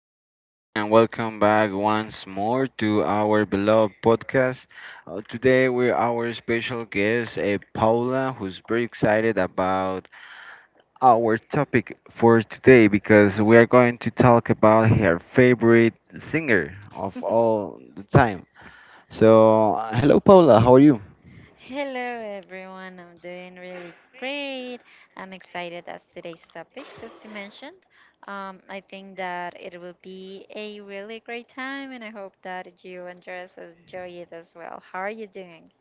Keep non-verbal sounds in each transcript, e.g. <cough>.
everyone, and welcome back once more to our beloved podcast. Today, we're our special guest, Paula, who's very excited about our topic for today because we are going to talk about her favorite singer of all the time. So, hello, Paula, how are you? Hello everyone, I'm doing really great. I'm excited as today's topics, as you mentioned. I think that it will be a really great time and I hope that you and yours enjoy it as well. How are you doing?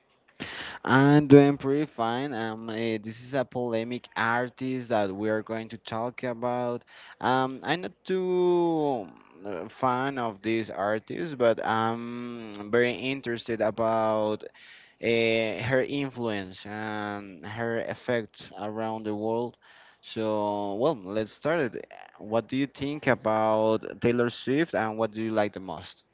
I'm doing pretty fine. This is a polemic artist that we are going to talk about. I'm not too fan of this artist, but I'm very interested about her influence and her effect around the world. So, well, let's start it. What do you think about Taylor Swift, and what do you like the most?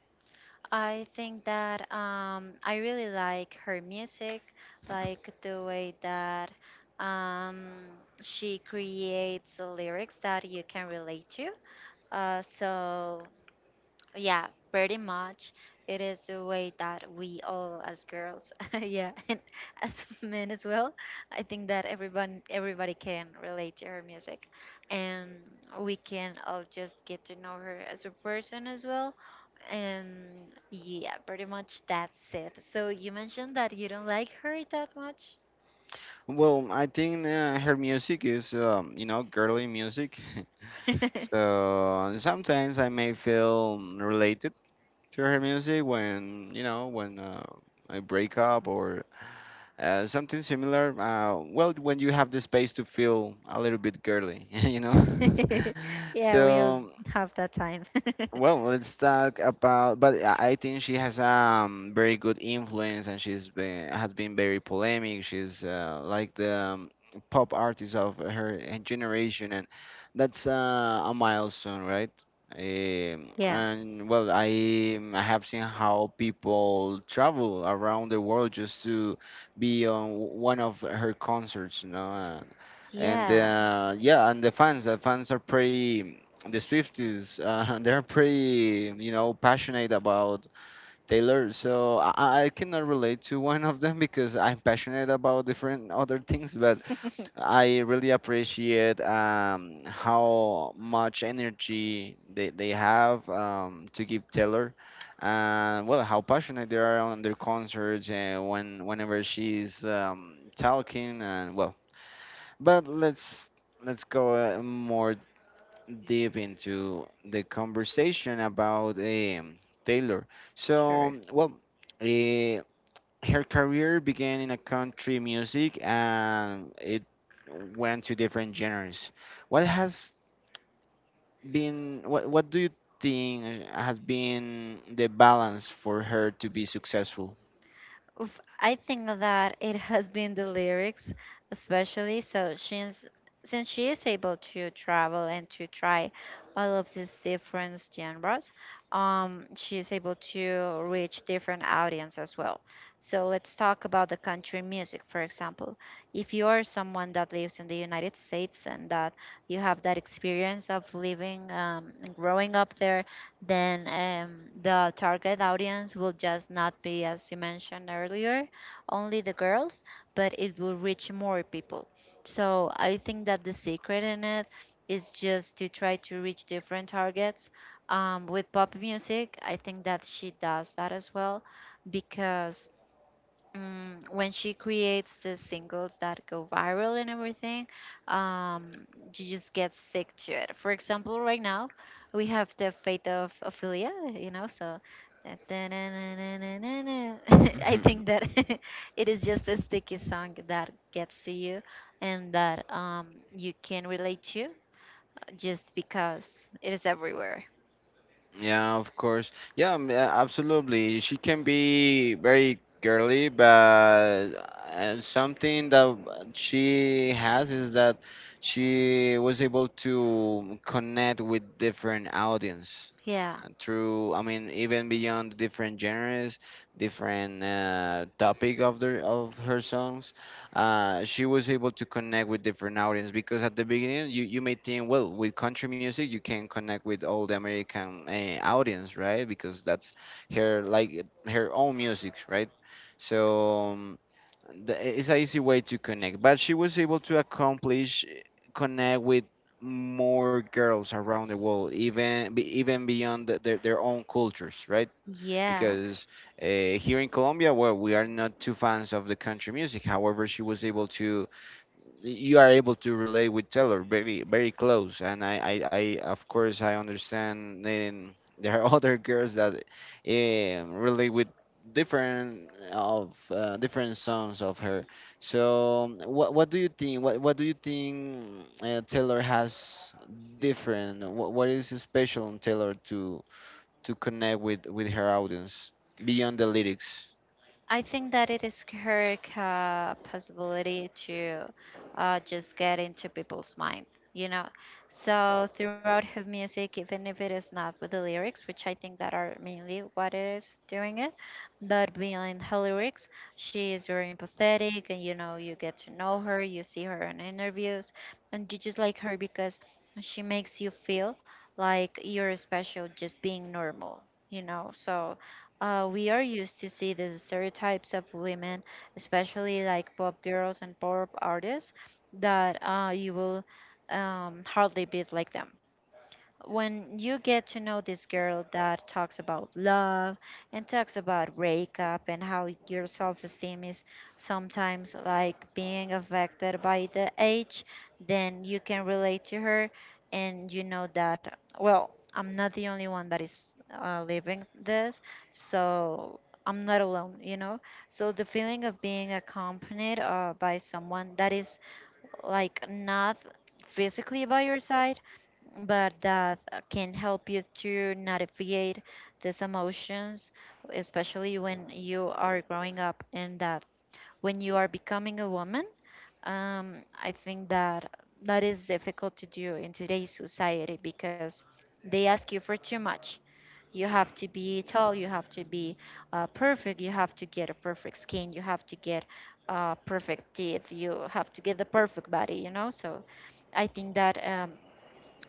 I think that I really like her music, like the way that um, she creates lyrics that you can relate to. Uh, so Yeah, pretty much. It is the way that we all as girls, <laughs> yeah, and as men as well. I think that everyone everybody can relate to her music and we can all just get to know her as a person as well. And yeah, pretty much that's it. So you mentioned that you don't like her that much. Well, I think her music is, you know, girly music. <laughs> <laughs> So sometimes I may feel related to her music when when I break up or something similar. Well, when you have the space to feel a little bit girly, <laughs> you know. <laughs> <laughs> Yeah, we'll So have that time. <laughs> well, let's talk about. But I think she has very good influence, and she's been has been very polemic. She's like the pop artist of her generation, and that's a milestone, right? Yeah. And well, I have seen how people travel around the world just to be on one of her concerts, you know. And, and Yeah, uh, yeah, and the fans are pretty the Swifties, <laughs> they're pretty, you know, passionate about Taylor. So I cannot relate to <laughs> one of them because I'm passionate about different other things. But I really appreciate how much energy they have to give Taylor. And well, how passionate they are on their concerts and whenever she's talking and well. But let's go more deep into the conversation about Taylor. So, well, uh, her career began in a country music and it went to different genres. What has been, what do you think has been the balance for her to be successful? oof, I think that it has been the lyrics, especially. So since she is able to travel and to try all of these different genres, she is able to reach different audience as well. So let's talk about the country music, for example. If you are someone that lives in the United States and that you have that experience of living and growing up there, then the target audience will just not be, as you mentioned earlier, only the girls, but it will reach more people. So I think that the secret in it is just to try to reach different targets. With pop music, I think that she does that as well because when she creates the singles that go viral and everything, um, you just get sick to it. For example, right now we have the Fate of Ophelia, you know, so that- <laughs> I think that <laughs> it is just a sticky song that gets to you and that you can relate to just because it is everywhere. Yeah, of course. Yeah, yeah, absolutely. She can be very girly, but something that she has is that she was able to connect with different audience Yeah, through, I mean, even beyond different genres, different topic of the of her songs. She was able to connect with different audience because at the beginning you may think, well, with country music you can connect with all the American audience, right? Because that's her like her own music, right? So it's an easy way to connect. But she was able to accomplish connect with more girls around the world, even beyond their own cultures, right? yeah. Because here in Colombia, well, we are not too fans of the country music. However, she was able to you are able to relate with Taylor very close, and I of course I understand then <laughs> there are other girls that relate with different songs of her. So what do you think what do you think Taylor has different, what is special in Taylor to connect with her audience beyond the lyrics? I think that it is her possibility to just get into people's mind, you know. So throughout her music, even if it is not with the lyrics, which I think that are mainly what it is doing it, but beyond her lyrics, she is very empathetic, and you know, you get to know her, you see her in interviews, and you just like her because she makes you feel like you're special just being normal, you know. So we are used to see these stereotypes of women, especially like pop girls and pop artists, that you will hardly beat like them. When you get to know this girl that talks about love and talks about breakup and how your self-esteem is sometimes like being affected by the age, then you can relate to her, and you know that, well, I'm not the only one that is living this, so I'm not alone, you know. So the feeling of being accompanied by someone that is like not physically by your side but that can help you to navigate these emotions, especially when you are growing up and that when you are becoming a woman. I think that that is difficult to do in today's society because they ask you for too much. You have to be tall, you have to be perfect, you have to get a perfect skin, you have to get perfect teeth, you have to get the perfect body, you know? So I think that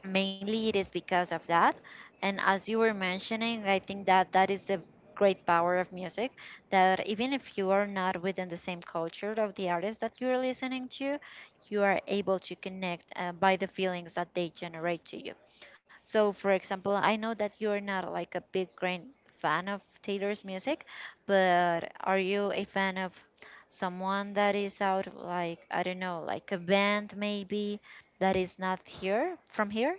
mainly it is because of that. And as you were mentioning, I think that that is the great power of music, that even if you are not within the same culture of the artist that you're listening to, you are able to connect by the feelings that they generate to you. So, for example, I know that you're not like a big grand fan of Taylor's music, but are you a fan of someone that is out, like I don't know, like a band maybe, that is not here from here?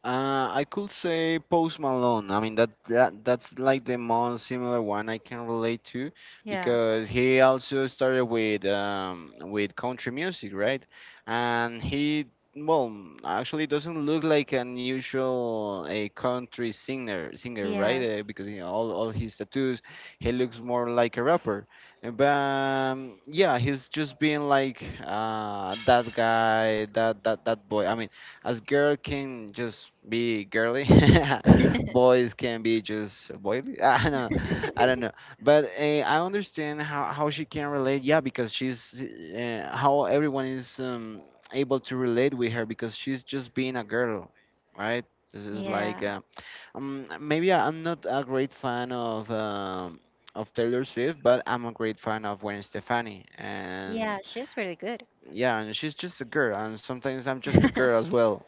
I could say Post Malone. I mean that's like the most similar one I can relate to Yeah. because he also started with country music, right? And he well actually doesn't look like an usual a country singer, right? Yes. Because you know, all his tattoos, he looks more like a rapper. But yeah, he's just being like that guy, that boy. I mean. As girl can just be girly, <laughs> boys can be just boily. <laughs> I don't know. But I understand how she can relate. Yeah, because she's how everyone is able to relate with her because she's just being a girl, right? This is like Yeah. Maybe I'm not a great fan of Taylor Swift, but I'm a great fan of Gwen Stefani, and Yeah, she's really good. yeah, and she's just a girl, and sometimes I'm just a girl as <laughs> well.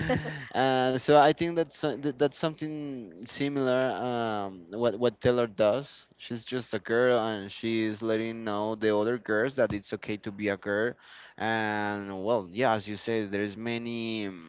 <laughs> So I think that's that's something similar. What Taylor does, she's just a girl, and she's letting know the other girls that it's okay to be a girl. And well, yeah, as you say, there's many mm,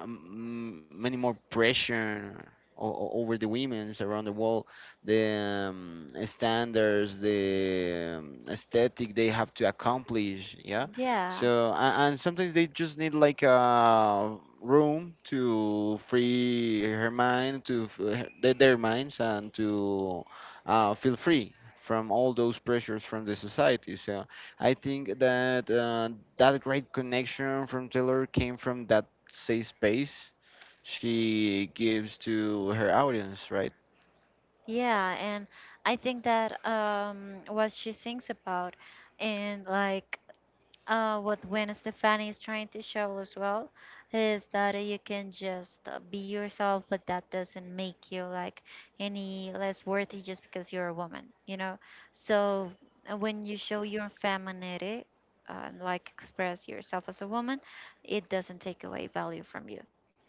um, many more pressure over the women's around the world, the standards, the aesthetic they have to accomplish, yeah. Yeah. So and sometimes they just need like a room to free her mind to their minds and to feel free from all those pressures from the society. So I think that that great connection from Taylor came from that safe space she gives to her audience, right? Yeah, and I think that what she sings about and like what Gwen Stefani is trying to show as well is that you can just be yourself, but that doesn't make you like any less worthy just because you're a woman, you know. So when you show your femininity, uh, like express yourself as a woman, it doesn't take away value from you.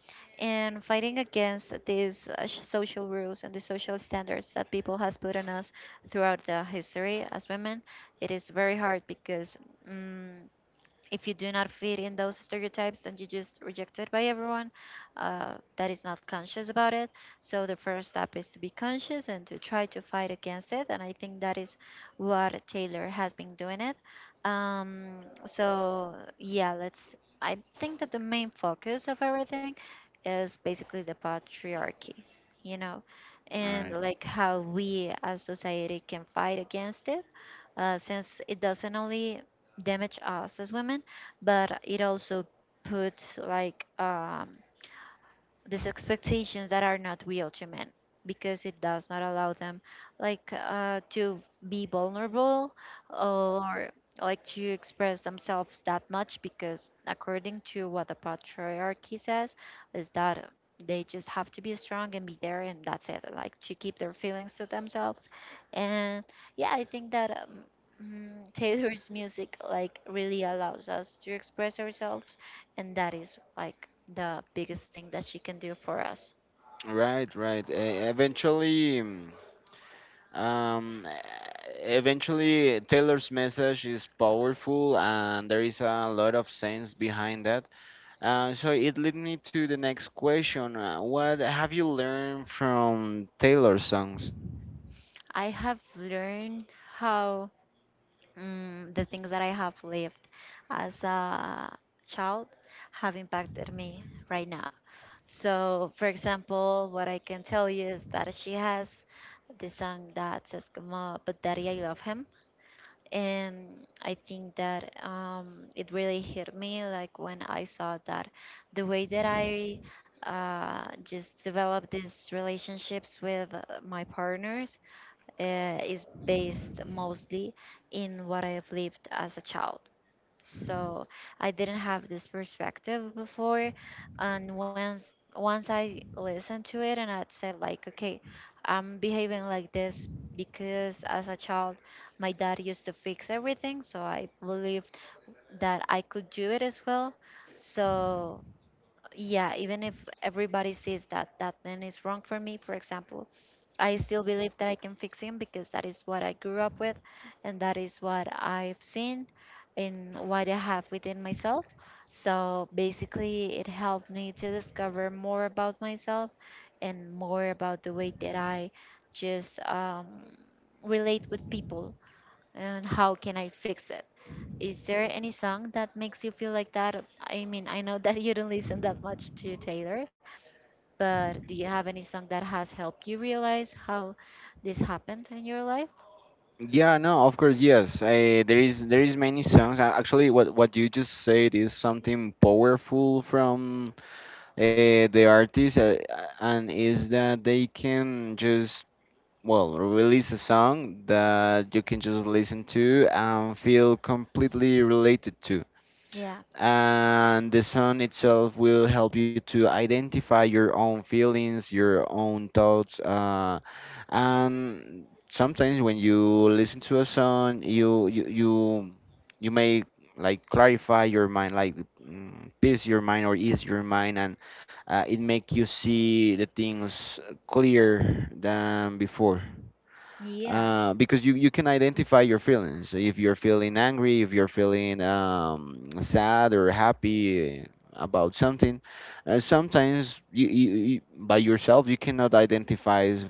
And fighting against these social rules and the social standards that people has put on us throughout the history as women, it is very hard because. mm, if you do not fit in those stereotypes, and you just rejected by everyone that is not conscious about it. So the first step is to be conscious and to try to fight against it, and I think that is what Taylor has been doing it. Um, so yeah, let's, I think that the main focus of everything is basically the patriarchy, you know, and Right. like how we as society can fight against it. Since it doesn't only damage us as women, but it also puts like these expectations that are not real to men, because it does not allow them like to be vulnerable or like to express themselves that much, because according to what the patriarchy says is that they just have to be strong and be there, and that's it, like to keep their feelings to themselves. And yeah, I think that Taylor's music like really allows us to express ourselves, and that is like the biggest thing that she can do for us. Right, right. Um, Eventually, Taylor's message is powerful, and there is a lot of sense behind that. So it led me to the next question: what have you learned from Taylor's songs? I have learned how the things that I have lived as a child have impacted me right now. So, for example, what I can tell you is that she has this song that says, como, but daddy, I love him. And I think that it really hit me, like when I saw that the way that I just develop these relationships with my partners is based mostly in what I've lived as a child. So I didn't have this perspective before. And once I listened to it and I said like, okay, I'm behaving like this because as a child my dad used to fix everything, so I believed that I could do it as well. So yeah, even if everybody sees that that man is wrong for me, for example, I still believe that I can fix him, because that is what I grew up with and that is what I've seen and what I have within myself. So basically, it helped me to discover more about myself and more about the way that I just relate with people, and how can I fix it. Is there any song that makes you feel like that? I mean, I know that you don't listen that much to Taylor, but do you have any song that has helped you realize how this happened in your life? Yeah, no, of course, yes. There is many songs. Actually, what you just said is something powerful from the artist, and is that they can just well release a song that you can just listen to and feel completely related to, Yeah. and the song itself will help you to identify your own feelings, your own thoughts, and sometimes when you listen to a song, you may like clarify your mind, like peace your mind or ease your mind, and it make you see the things clearer than before Yeah. Because you can identify your feelings. If you're feeling angry, if you're feeling sad or happy about something, sometimes by yourself you cannot identify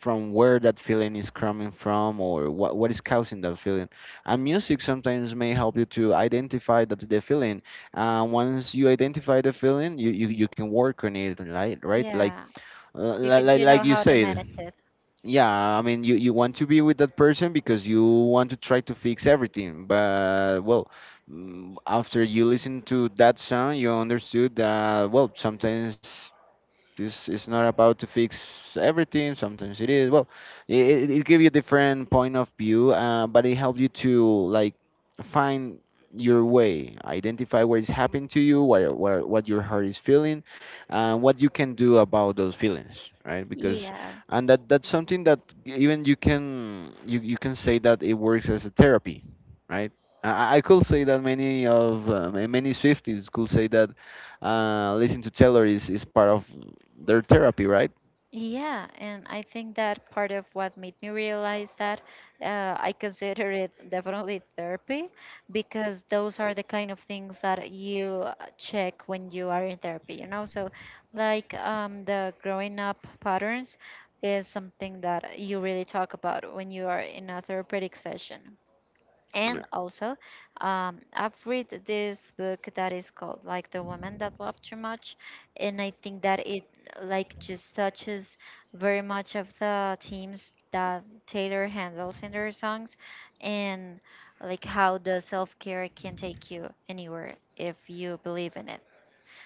from where that feeling is coming from or what is causing that feeling. And music sometimes may help you to identify that the feeling. Once you identify the feeling, you can work on it, right? Right? Like Yeah, you can, you know like you how to said, manage it. yeah, I mean you want to be with that person because you want to try to fix everything, but well, after you listen to that song you understood that well sometimes this is not about to fix everything. Sometimes it is. Well, it gives you different point of view, but it helps you to like find your way, identify what is happening to you, what your heart is feeling, and what you can do about those feelings, right? Because Yeah. and that that's something that even you can you can say that it works as a therapy, right? I could say that many of many Swifties could say that listen to Taylor is part of their therapy, right? Yeah, and I think that part of what made me realize that I consider it definitely therapy, because those are the kind of things that you check when you are in therapy, you know? So, like the growing up patterns is something that you really talk about when you are in a therapeutic session. And Yeah. also I've read this book that is called like The Woman That Loved Too Much, and I think that it like just touches very much of the themes that Taylor handles in her songs, and like how the self-care can take you anywhere if you believe in it.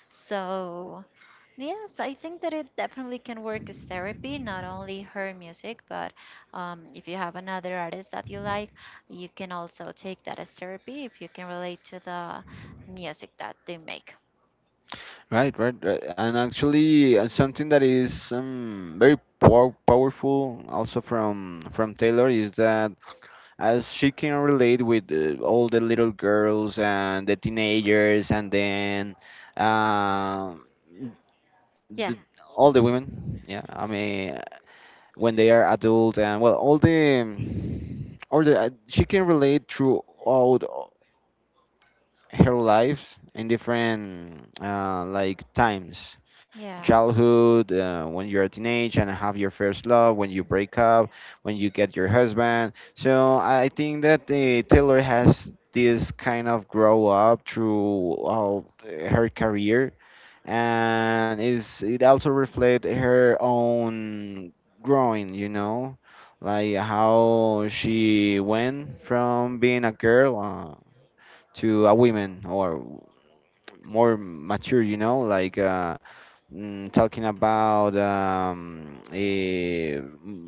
So, yeah, but I think that it definitely can work as therapy, not only her music, but if you have another artist that you like, you can also take that as therapy if you can relate to the music that they make. Right, right, right. And actually, something that is very powerful also from Taylor is that as she can relate with all the little girls and the teenagers, and then uh, the, Yeah. all the women. Yeah, I mean, when they are adult, and well, all the or the she can relate throughout her lives in different like times: Yeah, childhood, when you're a teenage and have your first love, when you break up, when you get your husband. So I think that Taylor has this kind of grow up through her career, and is it also reflect her own growing, you know, like how she went from being a girl to a woman or more mature, you know, like talking about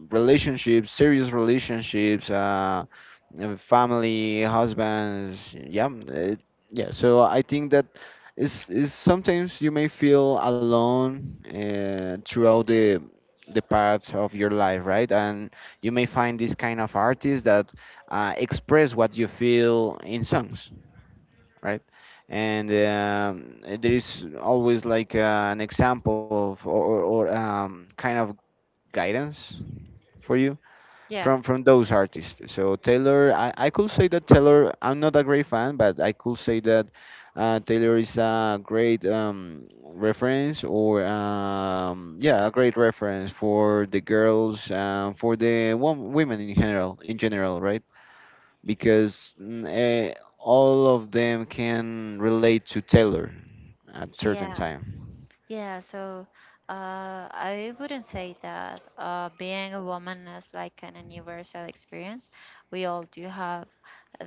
relationships, serious relationships, family, husbands. Yeah, yeah. So I think that is sometimes you may feel alone throughout the paths of your life, right? And you may find this kind of artists that express what you feel in songs, right? And there is always like an example of or kind of guidance for you yeah, from those artists. So Taylor, I could say that Taylor, I'm not a great fan, but I could say that Taylor is a great reference or yeah, a great reference for the girls, for the women in general, right? Because all of them can relate to Taylor at certain yeah. time, Yeah, so I wouldn't say that being a woman is like an universal experience. We all do have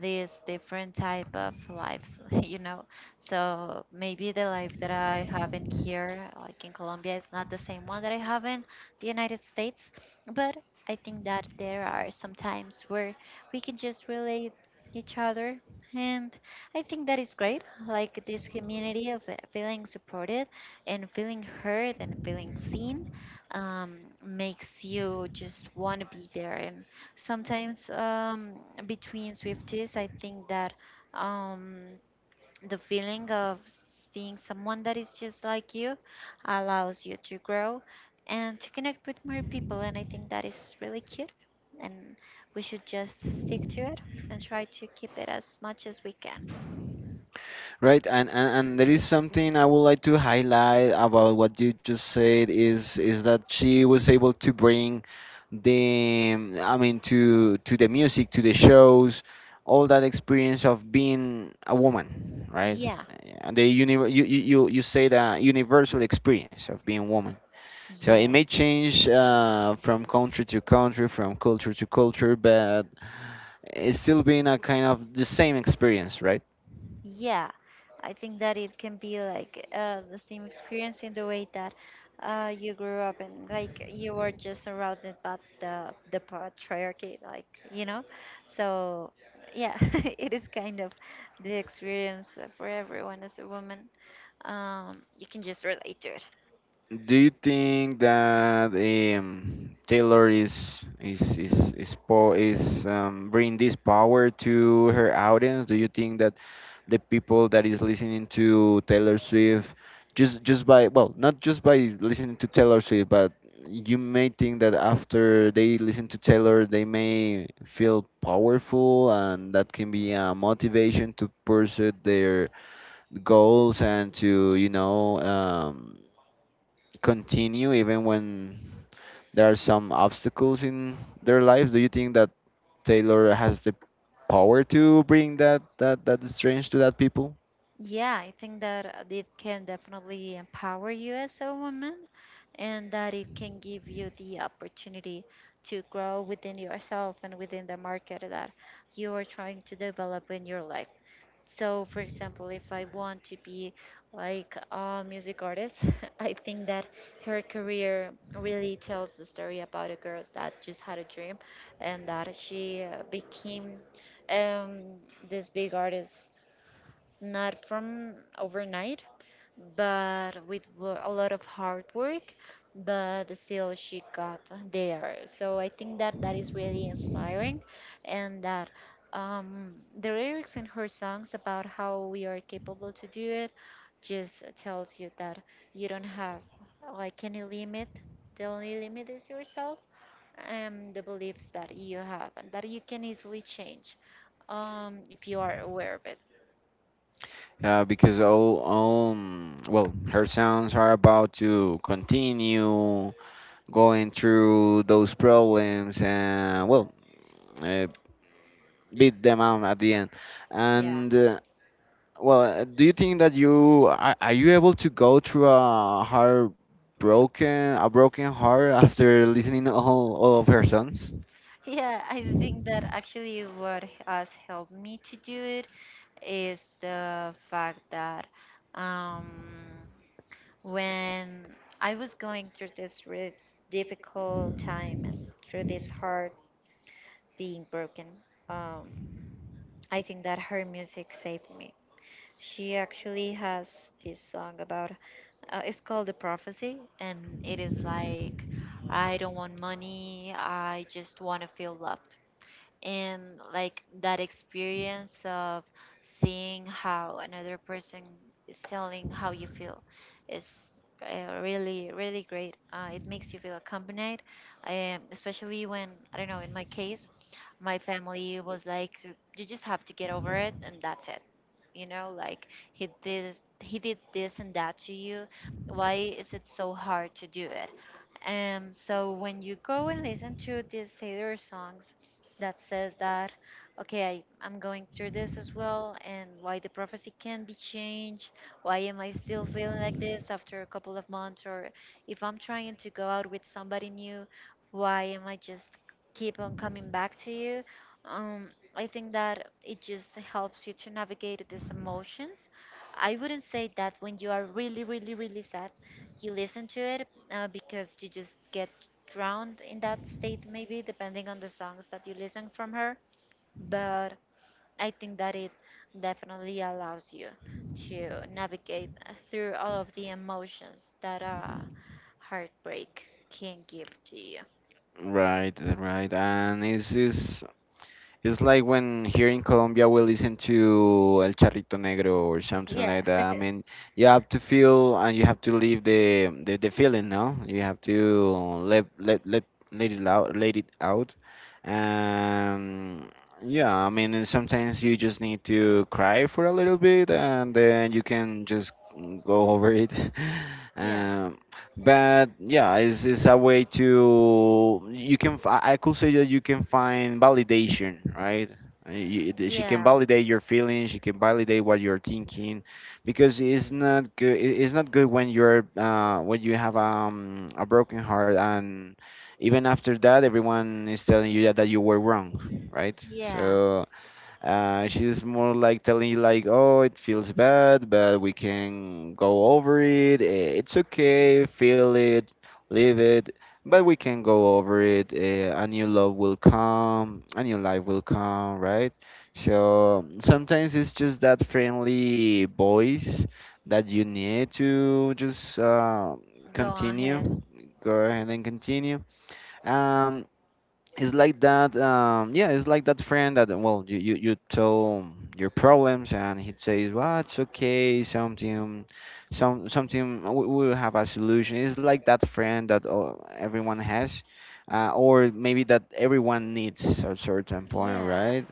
these different type of lives, <laughs> you know. So maybe the life that I have in here, like in Colombia, is not the same one that I have in the United States. But I think that there are some times where we can just relate each other, and I think that is great. Like this community of feeling supported and feeling heard and feeling seen makes you just want to be there. And sometimes between Swifties, I think that um, the feeling of seeing someone that is just like you allows you to grow and to connect with more people. And I think that is really cute. And we should just stick to it and try to keep it as much as we can. right? And there is something I would like to highlight about what you just said, is that she was able to bring the I mean, to the music, to the shows, all that experience of being a woman, right? Yeah, And the you say the universal experience of being woman. So it may change from country to country, from culture to culture, but it's still being a kind of the same experience, right? Yeah, I think that it can be like the same experience in the way that you grew up and like you were just surrounded by the patriarchy, like you know. So yeah, <laughs> it is kind of the experience for everyone as a woman. You can just relate to it. Do you think that Taylor is bringing this power to her audience? Do you think that the people that is listening to Taylor Swift, just by, well, not just by listening to Taylor Swift, but you may think that after they listen to Taylor they may feel powerful, and that can be a motivation to pursue their goals, and to, continue even when there are some obstacles in their life. Do you think that Taylor has the power to bring that, that strange to that people? Yeah, I think that it can definitely empower you as a woman and that it can give you the opportunity to grow within yourself and within the market that you are trying to develop in your life. So, for example, if I want to be like a music artist, <laughs> I think that her career really tells the story about a girl that just had a dream and that she became um, this big artist not from overnight, but with a lot of hard work. But still, she got there. So I think that that is really inspiring, and that the lyrics in her songs about how we are capable to do it just tells you that you don't have like any limit. The only limit is yourself and the beliefs that you have, and that you can easily change if you are aware of it. Because all, well, her sounds are about to continue going through those problems and, well, uh, beat them out at the end. And well, do you think that you are you able to go through a heart broken, a broken heart after listening all of her songs? Yeah, I think that actually what has helped me to do it is the fact that um, when I was going through this really difficult time and through this heart being broken, um, I think that her music saved me. She actually has this song about it's called The Prophecy, and it is like, I don't want money, I just want to feel loved and like that experience of seeing how another person is telling how you feel is really really great. It makes you feel accompanied, especially when I don't know, in my case my family was like, you just have to get over it and that's it, you know, like he did this and that to you, why is it so hard to do it. So when you go and listen to these Taylor songs that says that, okay, I'm going through this as well, and why the prophecy can be changed. Why am I still feeling like this after a couple of months? Or if I'm trying to go out with somebody new, why am I just keep on coming back to you? Um, I think that it just helps you to navigate these emotions. I wouldn't say that when you are really, really, really sad, you listen to it, because you just get drowned in that state, maybe, depending on the songs that you listen from her. But I think that it definitely allows you to navigate through all of the emotions that heartbreak can give to you. Right, right, and it's like when here in Colombia we listen to El Charrito Negro or something Yeah. like that. I mean, you have to feel and you have to leave the feeling, no? You have to let let it out, let it out. Um, yeah, I mean, and sometimes you just need to cry for a little bit and then you can just go over it. <laughs> Yeah, Um, but yeah, it's a way to, you can, I could say that you can find validation, right? She can yeah, validate your feelings. She can validate what you're thinking, because it's not good. It's not good when you're when you have a broken heart, and even after that everyone is telling you that, that you were wrong, right? yeah. So she's more like telling you like, oh, it feels bad, but we can go over it. It's okay, feel it, live it, but we can go over it. A new love will come, a new life will come, right? So sometimes it's just that friendly voice that you need to just Go on ahead. continue, go ahead and continue. um, it's like that. Yeah, it's like that friend that, well, you tell your problems and he says, "Well, it's okay. Something, something. We will have a solution." It's like that friend that everyone has, or maybe that everyone needs at certain point, Yeah, right?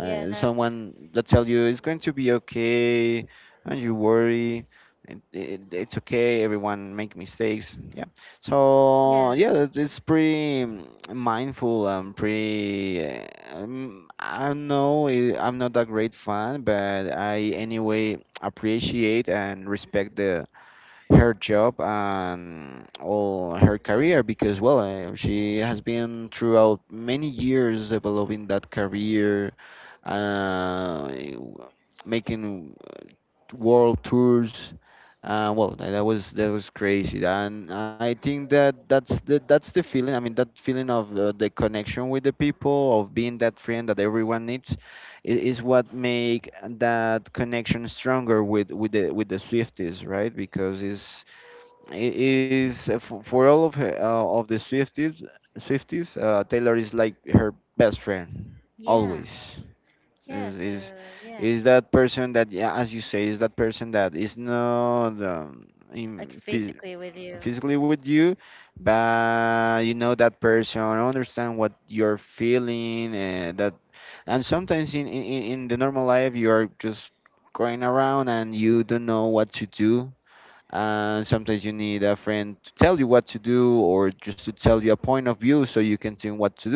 yeah, that, Someone that tell you it's going to be okay, and you worry, and it's okay, everyone make mistakes, yeah. So yeah, yeah, it's pretty mindful and pretty I know. I'm not a great fan, but I anyway appreciate and respect the her job and all her career, because, well, she has been throughout many years developing that career, uh, making world tours. Well, that was crazy, and I think that that's the feeling. I mean, that feeling of the connection with the people, of being that friend that everyone needs, it is what make that connection stronger with the Swifties, right? Because it is for, of the Swifties, Swifties, Taylor is like her best friend yeah, always. yeah. Is So, is yeah, is that person that, yeah, as you say, is that person that is not like in, physically with you. physically with you, but you know that person, understand what you're feeling. And that, and sometimes in the normal life you are just going around and you don't know what to do. And sometimes you need a friend to tell you what to do, or just to tell you a point of view so you can think what to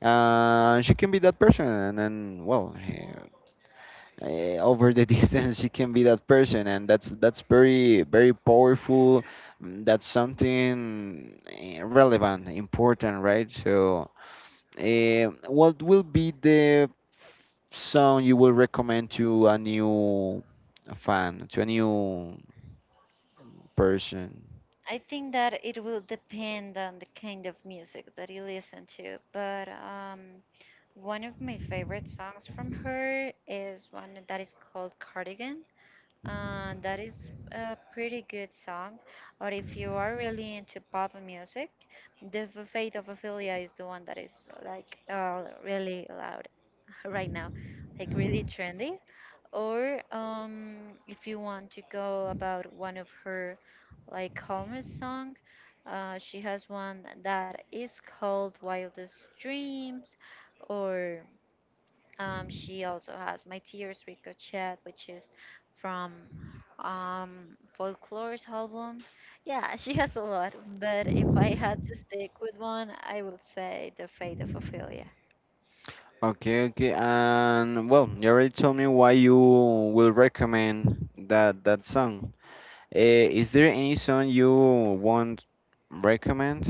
do. She can be that person, and then, well, over the <laughs> distance she can be that person, and that's very very powerful. That's something relevant, important, right? So what will be the song you will recommend to a new fan, to a new person? I think that it will depend on the kind of music that you listen to, but one of my favorite songs from her is one that is called Cardigan. That is a pretty good song. Or if you are really into pop music, The Fate of Ophelia is the one that is like really loud <laughs> right now, like really trendy. Or if you want to go about one of her like calmer song, she has one that is called Wildest Dreams, or she also has My Tears Ricochet, which is from folklore's album. Yeah, <laughs> she has a lot, but if I had to stick with one, I would say The Fate of Ophelia. Okay, okay, and well, you already told me why you will recommend that, that song. Eh, is there any song you won't recommend?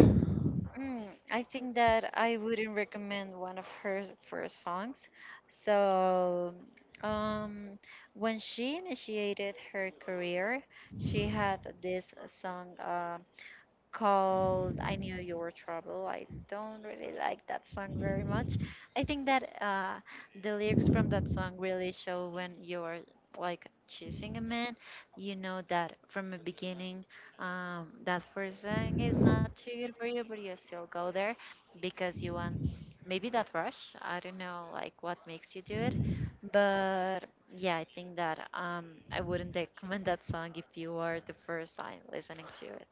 Mm, I think that I wouldn't recommend one of her first songs. So, um, when she initiated her career, she had this song. Called I Knew You Were Trouble. I don't really like that song very much. I think that the lyrics from that song really show when you're like choosing a man, you know that from the beginning that person is not too good for you, but you still go there because you want maybe that rush. I don't know like what makes you do it. But yeah, I think that I wouldn't <laughs> recommend that song if you are the first time listening to it.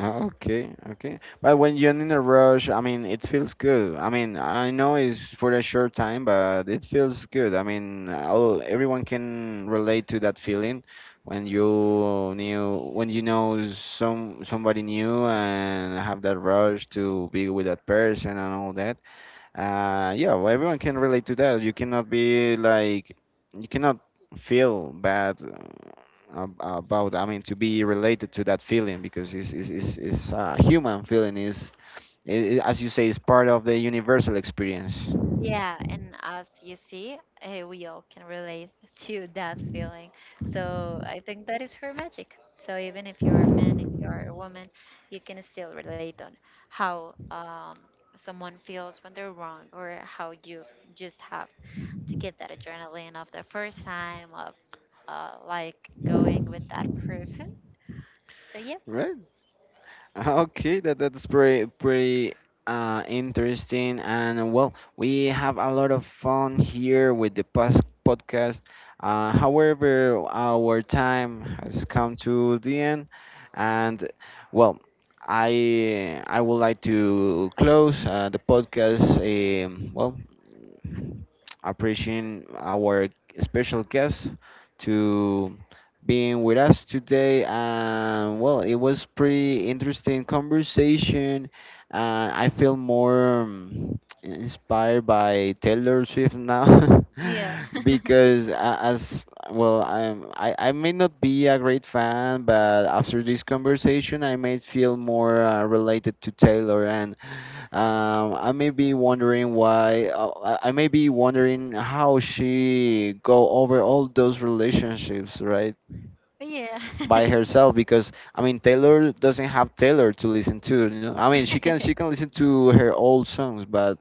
Ah, okay, okay. But when you're in a rush, I mean, it feels good. I mean, I know it's for a short time, but it feels good. I mean, everyone can relate to that feeling when when you know somebody new and have that rush to be with that person and all that. Yeah, well, everyone can relate to that. You cannot be like, you cannot feel bad about, I mean, to be related to that feeling because it's a human feeling. I as you say, it's part of the universal experience, Yeah, and as you see, eh, we all can relate <laughs> to that feeling. So I think that is her magic. So even if you are a man, if you are a woman, you can still relate on how someone feels when they're wrong, or how you just have to get that adrenaline of the first time of like going with that person. So yeah, right? Okay, that's pretty pretty interesting, and well, we have a lot of fun here with the podcast. However, our time has come to the end, and, well, I would like to close the podcast. Well, appreciating our special guest to being with us today. And, well, it was pretty interesting conversation. And I feel more inspired by Taylor Swift now yeah, <laughs> because as, well, I may not be a great fan, but after this conversation, I may feel more related to Taylor, and I may be wondering why. I may be wondering how she go over all those relationships, right, <laughs> yeah. by herself. Because I mean, Taylor doesn't have Taylor to listen to. You know? I mean, she can listen to <laughs> her old songs, but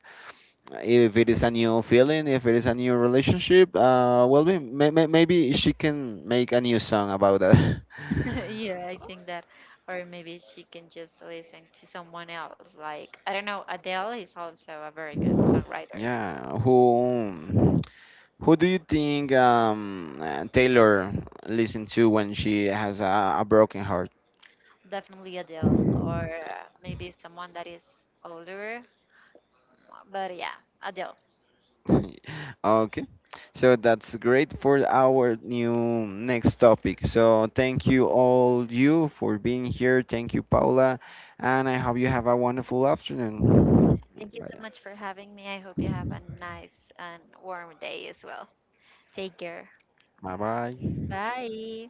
if it is a new feeling, if it is a new relationship, well, maybe she can make a new song about that. <laughs> Yeah, I think or maybe she can just listen to someone else. Like I don't know, Adele is also a very good <laughs> songwriter. Yeah, who? Who do you think Taylor listens to when she has a broken heart? Definitely Adele, or maybe someone that is older. But yeah, Adele. <laughs> Okay, so that's great for our new next topic. So thank you all you for being here. Thank you, Paula, and I hope you have a wonderful afternoon. Thank you so much for having me. I hope you have a nice and warm day as well. Take care. Bye bye. Bye.